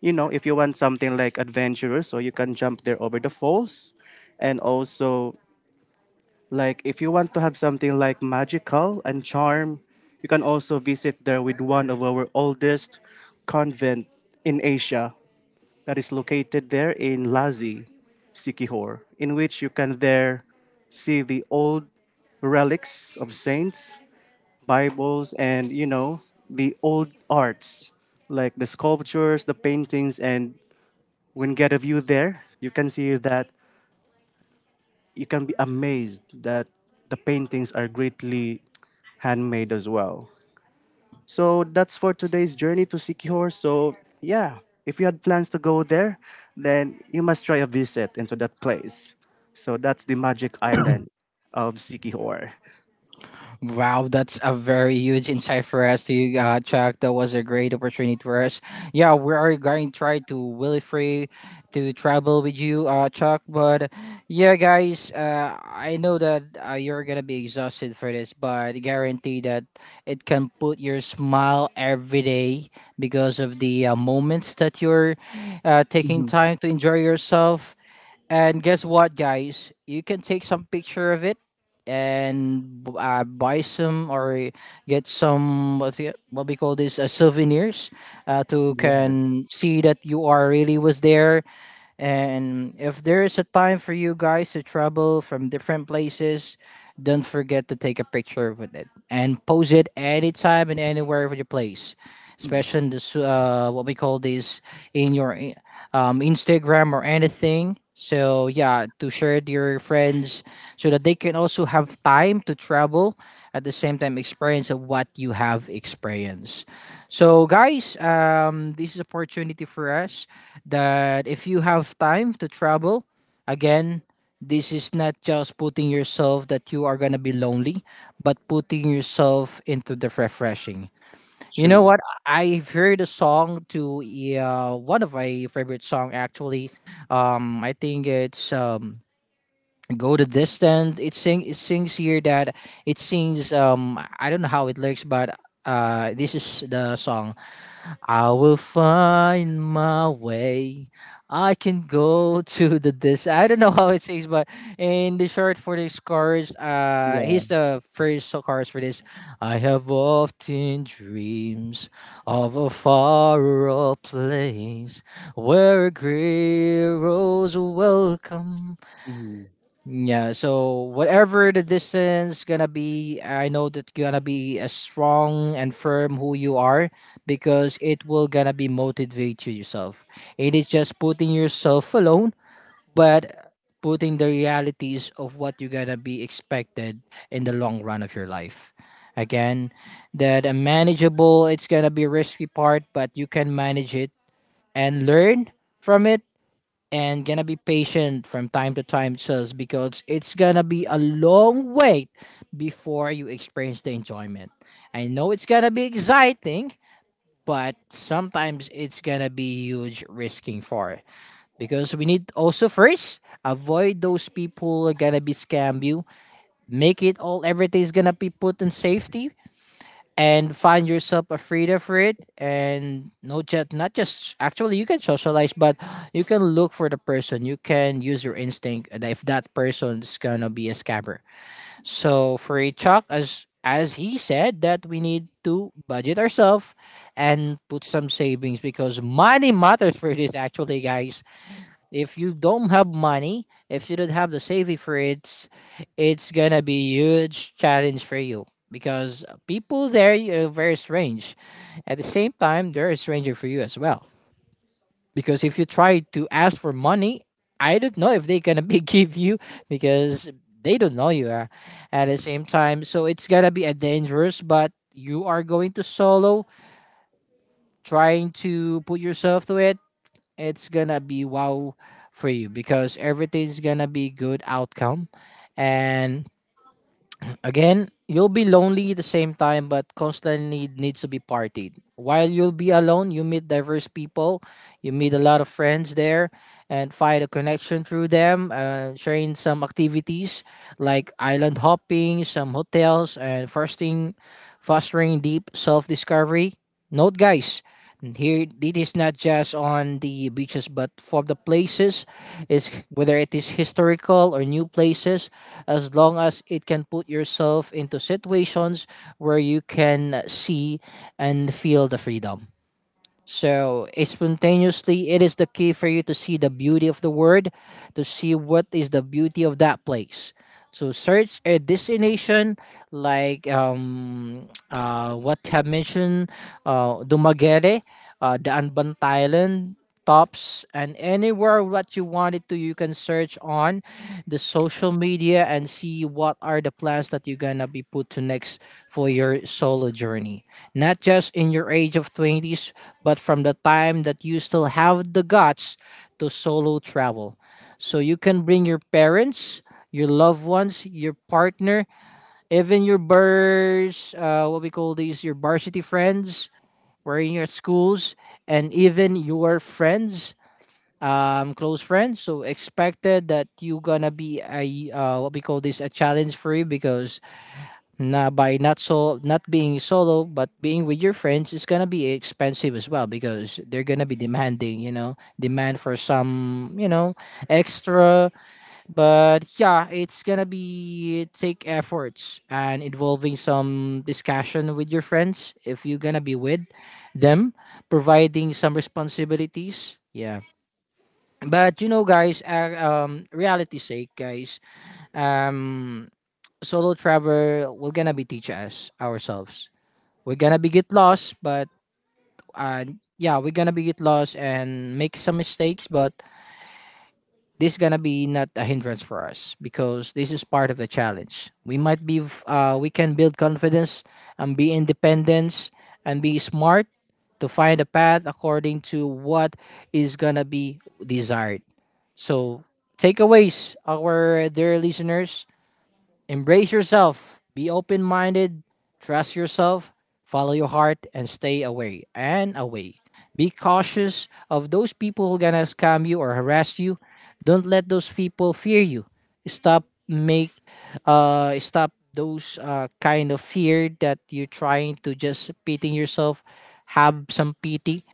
you know, if you want something like adventurous, so you can jump there over the falls. And also, like, if you want to have something like magical and charm, you can also visit there with one of our oldest convent in Asia that is located there in Lazi, Sikihor, in which you can there see the old relics of saints, Bibles, and, you know, the old arts like the sculptures, the paintings, and when get a view there, you can see that you can be amazed that the paintings are greatly handmade as well. So that's for today's journey to Sikihor. So yeah, if you had plans to go there, then you must try a visit into that place. So that's the magic island of Sikihor.
Wow, that's a very huge insight for us to check. That was a great opportunity for us. Yeah, we are going to try to will it free to travel with you, Chuck. But yeah, guys, I know that you're gonna be exhausted for this, but guarantee that it can put your smile every day because of the moments that you're taking
Mhm.
time to enjoy yourself. And guess what, guys? You can take some picture of it and buy some or get some what's it, what we call this souvenirs to
Yes.
can see that you are really was there. And if there is a time for you guys to travel from different places, don't forget to take a picture with it and post it anytime and anywhere with your place, especially
Mm.
in this what we call this in your Instagram or anything. So yeah, to share it to your friends so that they can also have time to travel at the same time experience of what you have experienced. So guys, this is opportunity for us that if you have time to travel, again, this is not just putting yourself that you are gonna be lonely, but putting yourself into the refreshing. You know
True.
what? I heard a song to one of my favorite song actually. I think it's go the distance. It sings here that it sings I don't know how it looks, but this is the song. I will find my way. I can go to the this, I don't know how it sings, but in the short for this chorus,
Yeah.
here's the first chorus for this. I have often dreams of a far off place where heroes welcome.
Mhm.
Yeah, so whatever the distance gonna be, I know that gonna be as strong and firm who you are because it will gonna be motivate you yourself. It is just putting yourself alone, but putting the realities of what you're gonna be expected in the long run of your life. Again, that a manageable, it's gonna be risky part, but you can manage it and learn from it and gonna be patient from time to time just because it's gonna be a long wait before you experience the enjoyment. I know it's gonna be exciting, but sometimes it's gonna be huge risking for it because we need also first avoid those people are gonna be scam you. Make it all everything's gonna be put in safety and find yourself afraid of it and no just not just actually you can socialize but you can look for the person. You can use your instinct that if that person is gonna be a scammer. So for a chalk, as he said that we need to budget ourselves and put some savings because money matters for this actually, guys. If you don't have money, if you don't have the saving for it, it's gonna be huge challenge for you because people there are very strange. At the same time, they're a stranger for you as well. Because if you try to ask for money, I don't know if they're gonna be give you because they don't know you at the same time. So it's gonna be a dangerous, but you are going to solo, trying to put yourself to it, it's gonna be wow for you because everything's gonna be good outcome. And again, you'll be lonely at the same time, but constantly needs to be partied. While you'll be alone, you meet diverse people, you meet a lot of friends there and find a connection through them, sharing some activities like island hopping, some hotels, and fostering deep self-discovery. Note, guys, and here, it is not just on the beaches, but for the places, is whether it is historical or new places, as long as it can put yourself into situations where you can see and feel the freedom. So, spontaneously, it is the key for you to see the beauty of the word, to see what is the beauty of that place. So, search a destination like what I have mentioned, Dumaguete, the Anban Thailand, Tops, and anywhere what you wanted to, you can search on the social media and see what are the plans that you're gonna be put to next for your solo journey, not just in your age of 20s but from the time that you still have the guts to solo travel. So you can bring your parents, your loved ones, your partner, even your bars, what we call these, your varsity friends, where in your schools, and even your friends, close friends. So expected that you gonna be a what we call this a challenge for you because now, by not so not being solo but being with your friends is gonna be expensive as well because they're gonna be demanding, you know, demand for some, you know, extra. But yeah, it's gonna be take efforts and involving some discussion with your friends if you're gonna be with them, providing some responsibilities. Yeah, but you know, guys, reality sake, guys, um solo travel we're gonna be teach us ourselves. We're gonna be get lost, but uh, yeah, we're gonna be get lost and make some mistakes, but this gonna be not a hindrance for us because this is part of the challenge. We might be we can build confidence and be independence and be smart to find a path according to what is gonna be desired. So takeaways, our dear listeners, embrace yourself, be open minded, trust yourself, follow your heart, and stay away and away. Be cautious of those people who gonna scam you or harass you. Don't let those people fear you. Stop make stop those kind of fear that you're trying to just pitying yourself. Have some pity,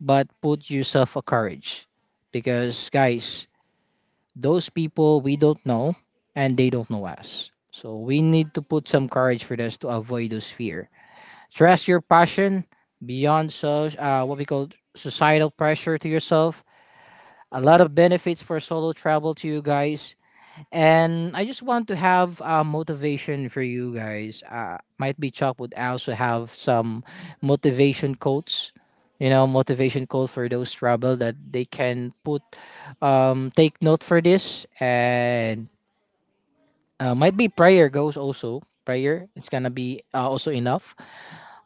but put yourself a courage. Because guys, those people we don't know and they don't know us. So we need to put some courage for this to avoid those fear. Trust your passion beyond so what we call societal pressure to yourself. A lot of benefits for solo travel to you guys. And I just want to have motivation for you guys. Might be Chuck would also have some motivation quotes, you know, motivation quote for those trouble that they can put, take note for this. And might be prayer goes also. Prayer it's gonna be also enough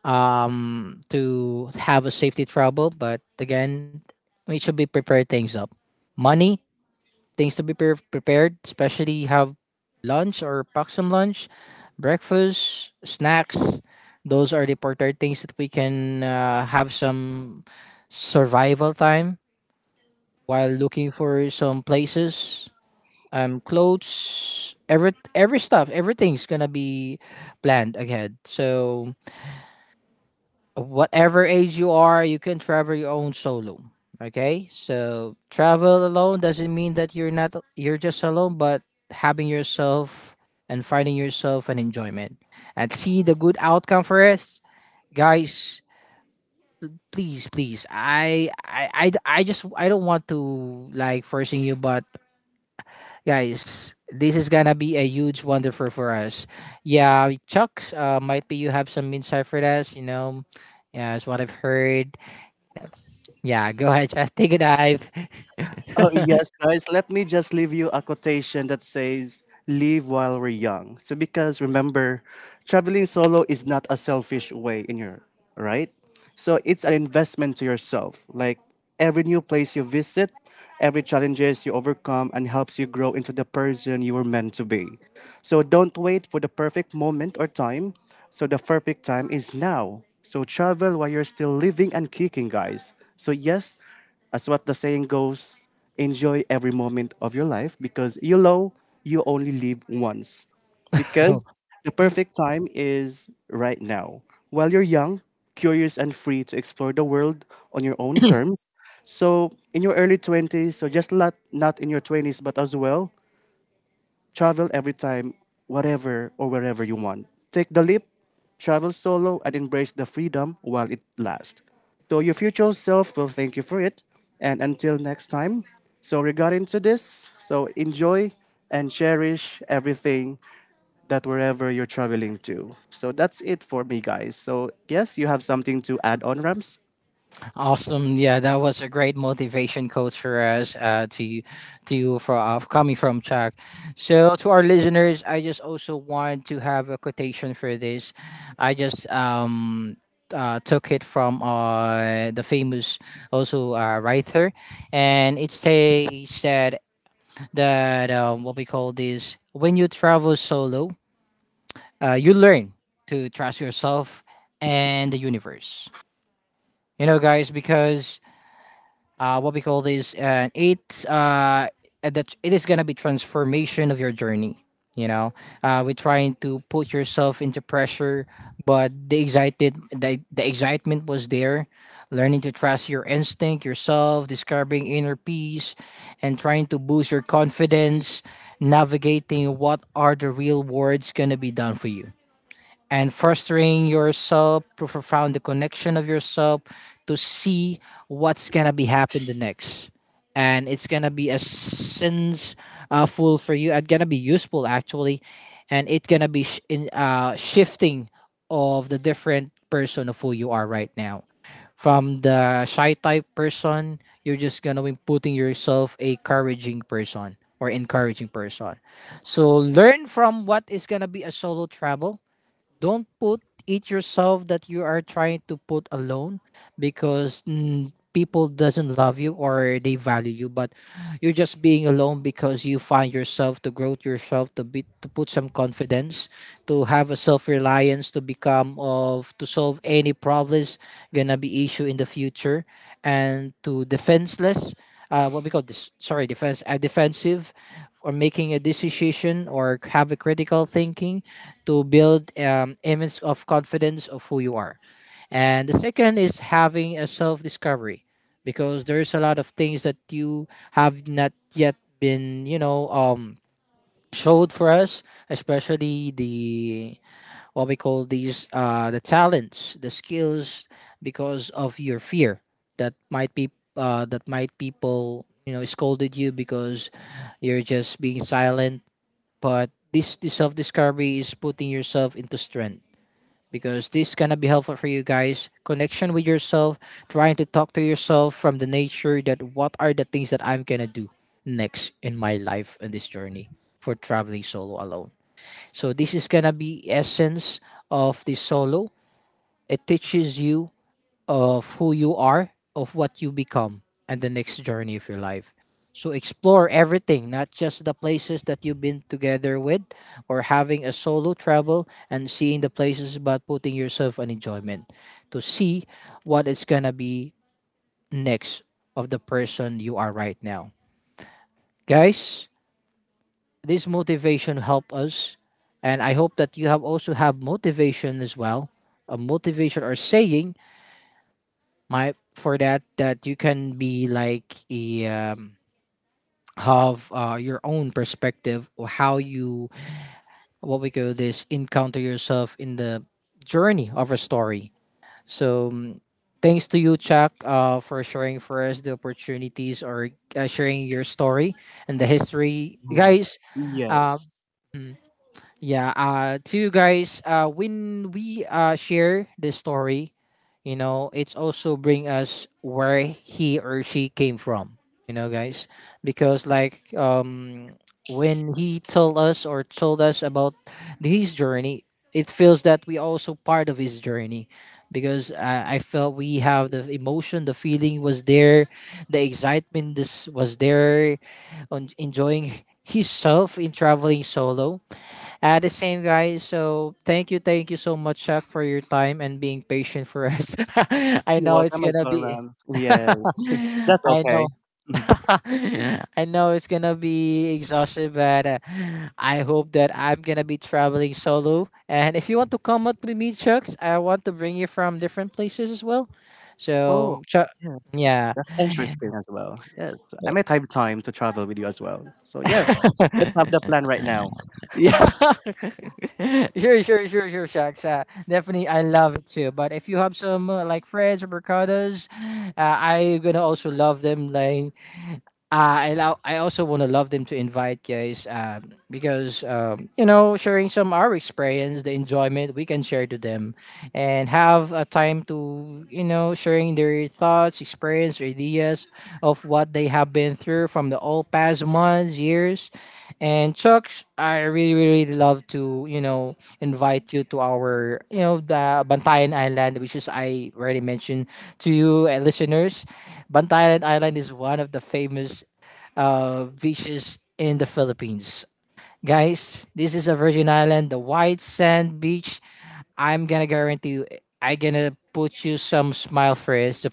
to have a safety trouble. But again, we should be prepared things up. Money things to be prepared, especially have lunch or pack some lunch, breakfast, snacks. Those are the important things that we can have some survival time while looking for some places, clothes, every stuff, everything's gonna be planned ahead. So whatever age you are, you can travel your own solo. Okay, so travel alone doesn't mean that you're not you're just alone, but having yourself and finding yourself an enjoyment and see the good outcome for us, guys. Please, please, I don't want to like forcing you, but guys, this is gonna be a huge wonderful for us. Yeah, Chuck, might be you have some insight for us. You know, yeah, that's what I've heard. Yeah, go ahead, Chad. Take a dive.
Oh, yes, guys. Let me just leave you a quotation that says, live while we're young. So, because remember, traveling solo is not a selfish way in your, right? So, it's an investment to yourself. Like every new place you visit, every challenges you overcome and helps you grow into the person you were meant to be. So, don't wait for the perfect moment or time. So, the perfect time is now. So, travel while you're still living and kicking, guys. So, yes, as what the saying goes, enjoy every moment of your life because you know you only live once. Because the perfect time is right now. While you're young, curious, and free to explore the world on your own terms. So, in your early 20s, so just not in your 20s, but as well, travel every time, whatever or wherever you want. Take the leap, travel solo, and embrace the freedom while it lasts. So your future self will thank you for it. And until next time, so regarding to this, so enjoy and cherish everything that wherever you're traveling to. So that's it for me, guys. So yes, you have something to add on, Rams?
Awesome. Yeah, that was a great motivation coach for us to for coming from Chuck. So to our listeners, I just also want to have a quotation for this. I just took it from the famous also writer, and it says that that what we call this when you travel solo, you learn to trust yourself and the universe. You know, guys, because what we call this, it's that it is gonna be transformation of your journey. You know, we're trying to put yourself into pressure, but the excitement was there. Learning to trust your instinct, yourself, discovering inner peace, and trying to boost your confidence. Navigating what are the real words gonna be done for you and fostering yourself to profound the connection of yourself to see what's gonna be happen the next, and it's gonna be a sense full for you. It's gonna be useful actually, and it's gonna be sh- in shifting of the different person of who you are right now. From the shy type person, you're just gonna be putting yourself a couraging person or encouraging person. So learn from what is gonna be a solo travel. Don't put it yourself that you are trying to put alone, because people doesn't love you or they value you, but you're just being alone because you find yourself to grow yourself to be to put some confidence, to have a self-reliance, to become of to solve any problems gonna be issue in the future, and to defenseless, what we call this, sorry, defense defensive, or making a decision or have a critical thinking to build image of confidence of who you are. And the second is having a self discovery, because there's a lot of things that you have not yet been, showed for us, especially the what we call these the talents, the skills, because of your fear that might be that might people you know scolded you because you're just being silent. But this self discovery is putting yourself into strength, because this gonna be helpful for you guys. Connection with yourself, trying to talk to yourself from the nature that what are the things that I'm gonna do next in my life in this journey for traveling solo alone. So this is gonna be essence of the solo. It teaches you of who you are, of what you become, and the next journey of your life. So explore everything, not just the places that you've been together with, or having a solo travel and seeing the places, but putting yourself an enjoyment to see what is going to be next of the person you are right now. Guys, this motivation help us, and I hope that you have also have motivation as well. A motivation or saying my for that that you can be like a have your own perspective or how you what we call this encounter yourself in the journey of a story. So thanks to you Chuck, for sharing for us the opportunities, or sharing your story and the history,
Mm.
guys. uh,
Yes.
Yeah, to you guys, when we share the story, you know, it's also bring us where he or she came from, you know, guys, because like when he told us or told us about his journey, it feels that we also part of his journey. Because I felt we have the emotion, the feeling was there, the excitement this was there, on enjoying himself in traveling solo, the same guys. So thank you so much, Chuck, for your time and being patient for us. I
You're
know it's
welcome as
gonna
well,
be.
Rams. Yes. That's
I
okay.
know. I know it's gonna be exhausted, but I hope that I'm gonna be traveling solo. And if you want to come up with me, Chuck, I want to bring you from different places as well.
Oh,
So, Chuck,
yes.
yeah,
That's interesting as well. Yes. I might have time to travel with you as well. So, yes, let's have the plan right now.
yeah. Sure, sure, sure, sure, Shaq. Definitely, I love it too. But if you have some like friends or ricotta's, I gonna also love them. Like I also wanna love them to invite guys. Because you know, sharing some our experience, the enjoyment we can share to them, and have a time to you know sharing their thoughts, experience, or ideas of what they have been through from the all past months, years. And Chuck, I really, really love to, you know, invite you to our, you know, the Bantayan Island, which is I already mentioned to you listeners. Bantayan Island is one of the famous beaches in the Philippines. Guys, this is a virgin island, the white sand beach. I'm gonna guarantee you, I gonna put you some smile face,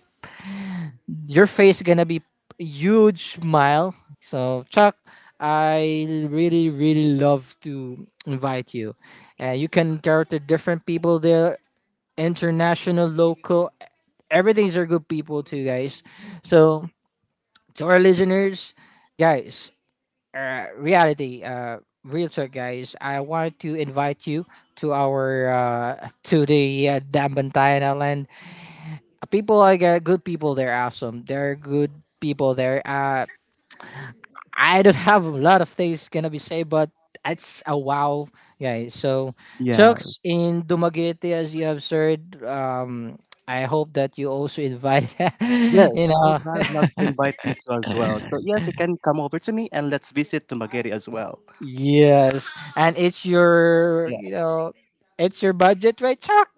your face gonna be huge smile. So Chuck, I really really love to invite you, and you can character different people there, international, local, everything's are good people too, guys. So to our listeners, guys, reality, real talk, guys. I want to invite you to our to the Dambantayan Island. People are good people there, awesome. They're good people there. I don't have a lot of things gonna be said, but it's a wow, guys. So, Chucks
Yes.
in Dumaguete, as you have said, I hope that you also invite,
Yes,
you
I
know,
would love to invite you to as well. So, yes, you can come over to me and let's visit to Magere as well.
yes, and it's your,
Yeah.
you know, it's your budget, right, Chuck?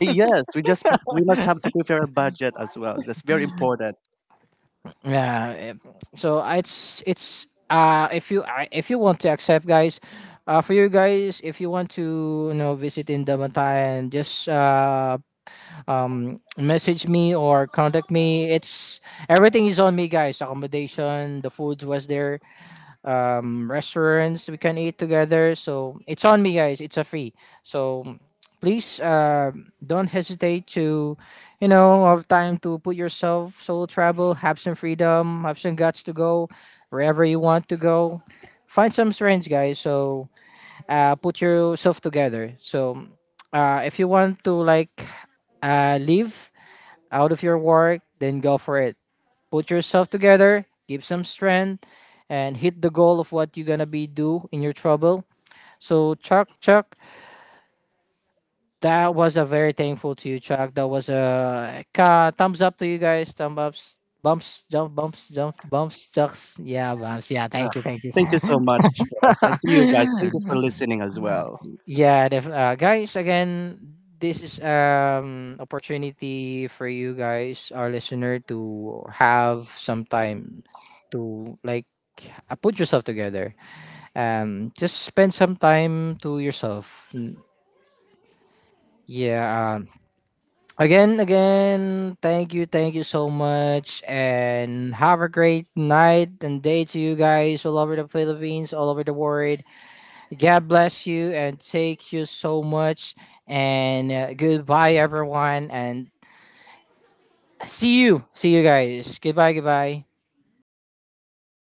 Yes, we just, we must have to prepare a budget as well. That's very important.
Yeah. So it's if you want to accept guys, for you guys if you want to you know visit in Damantayan, just message me or contact me. It's everything is on me guys, accommodation, the food was there, restaurants we can eat together. So it's on me guys, it's a free. So please don't hesitate to you know have time to put yourself solo travel, have some freedom, have some guts to go wherever you want to go, find some friends guys. So put yourself together. So if you want to like leave out of your work, then go for it. Put yourself together, give some strength, and hit the goal of what you're gonna be do in your trouble. So Chuck, that was a very thankful to you, Chuck. That was a thumbs up to you guys. Thumb ups, bumps, jump, bumps, jump, bumps, chucks. Yeah, bumps. Yeah,
Yeah.
thank you, thank you.
Thank you so much for us. And to you guys, thank you for listening as well.
Yeah, guys. Again, this is opportunity for you guys, our listener, to have some time to like put yourself together. Just spend some time to yourself. Yeah. Again, again, thank you so much, and have a great night and day to you guys all over the Philippines, all over the world. God bless you and thank you so much. And goodbye, everyone, and see you guys. Goodbye, goodbye.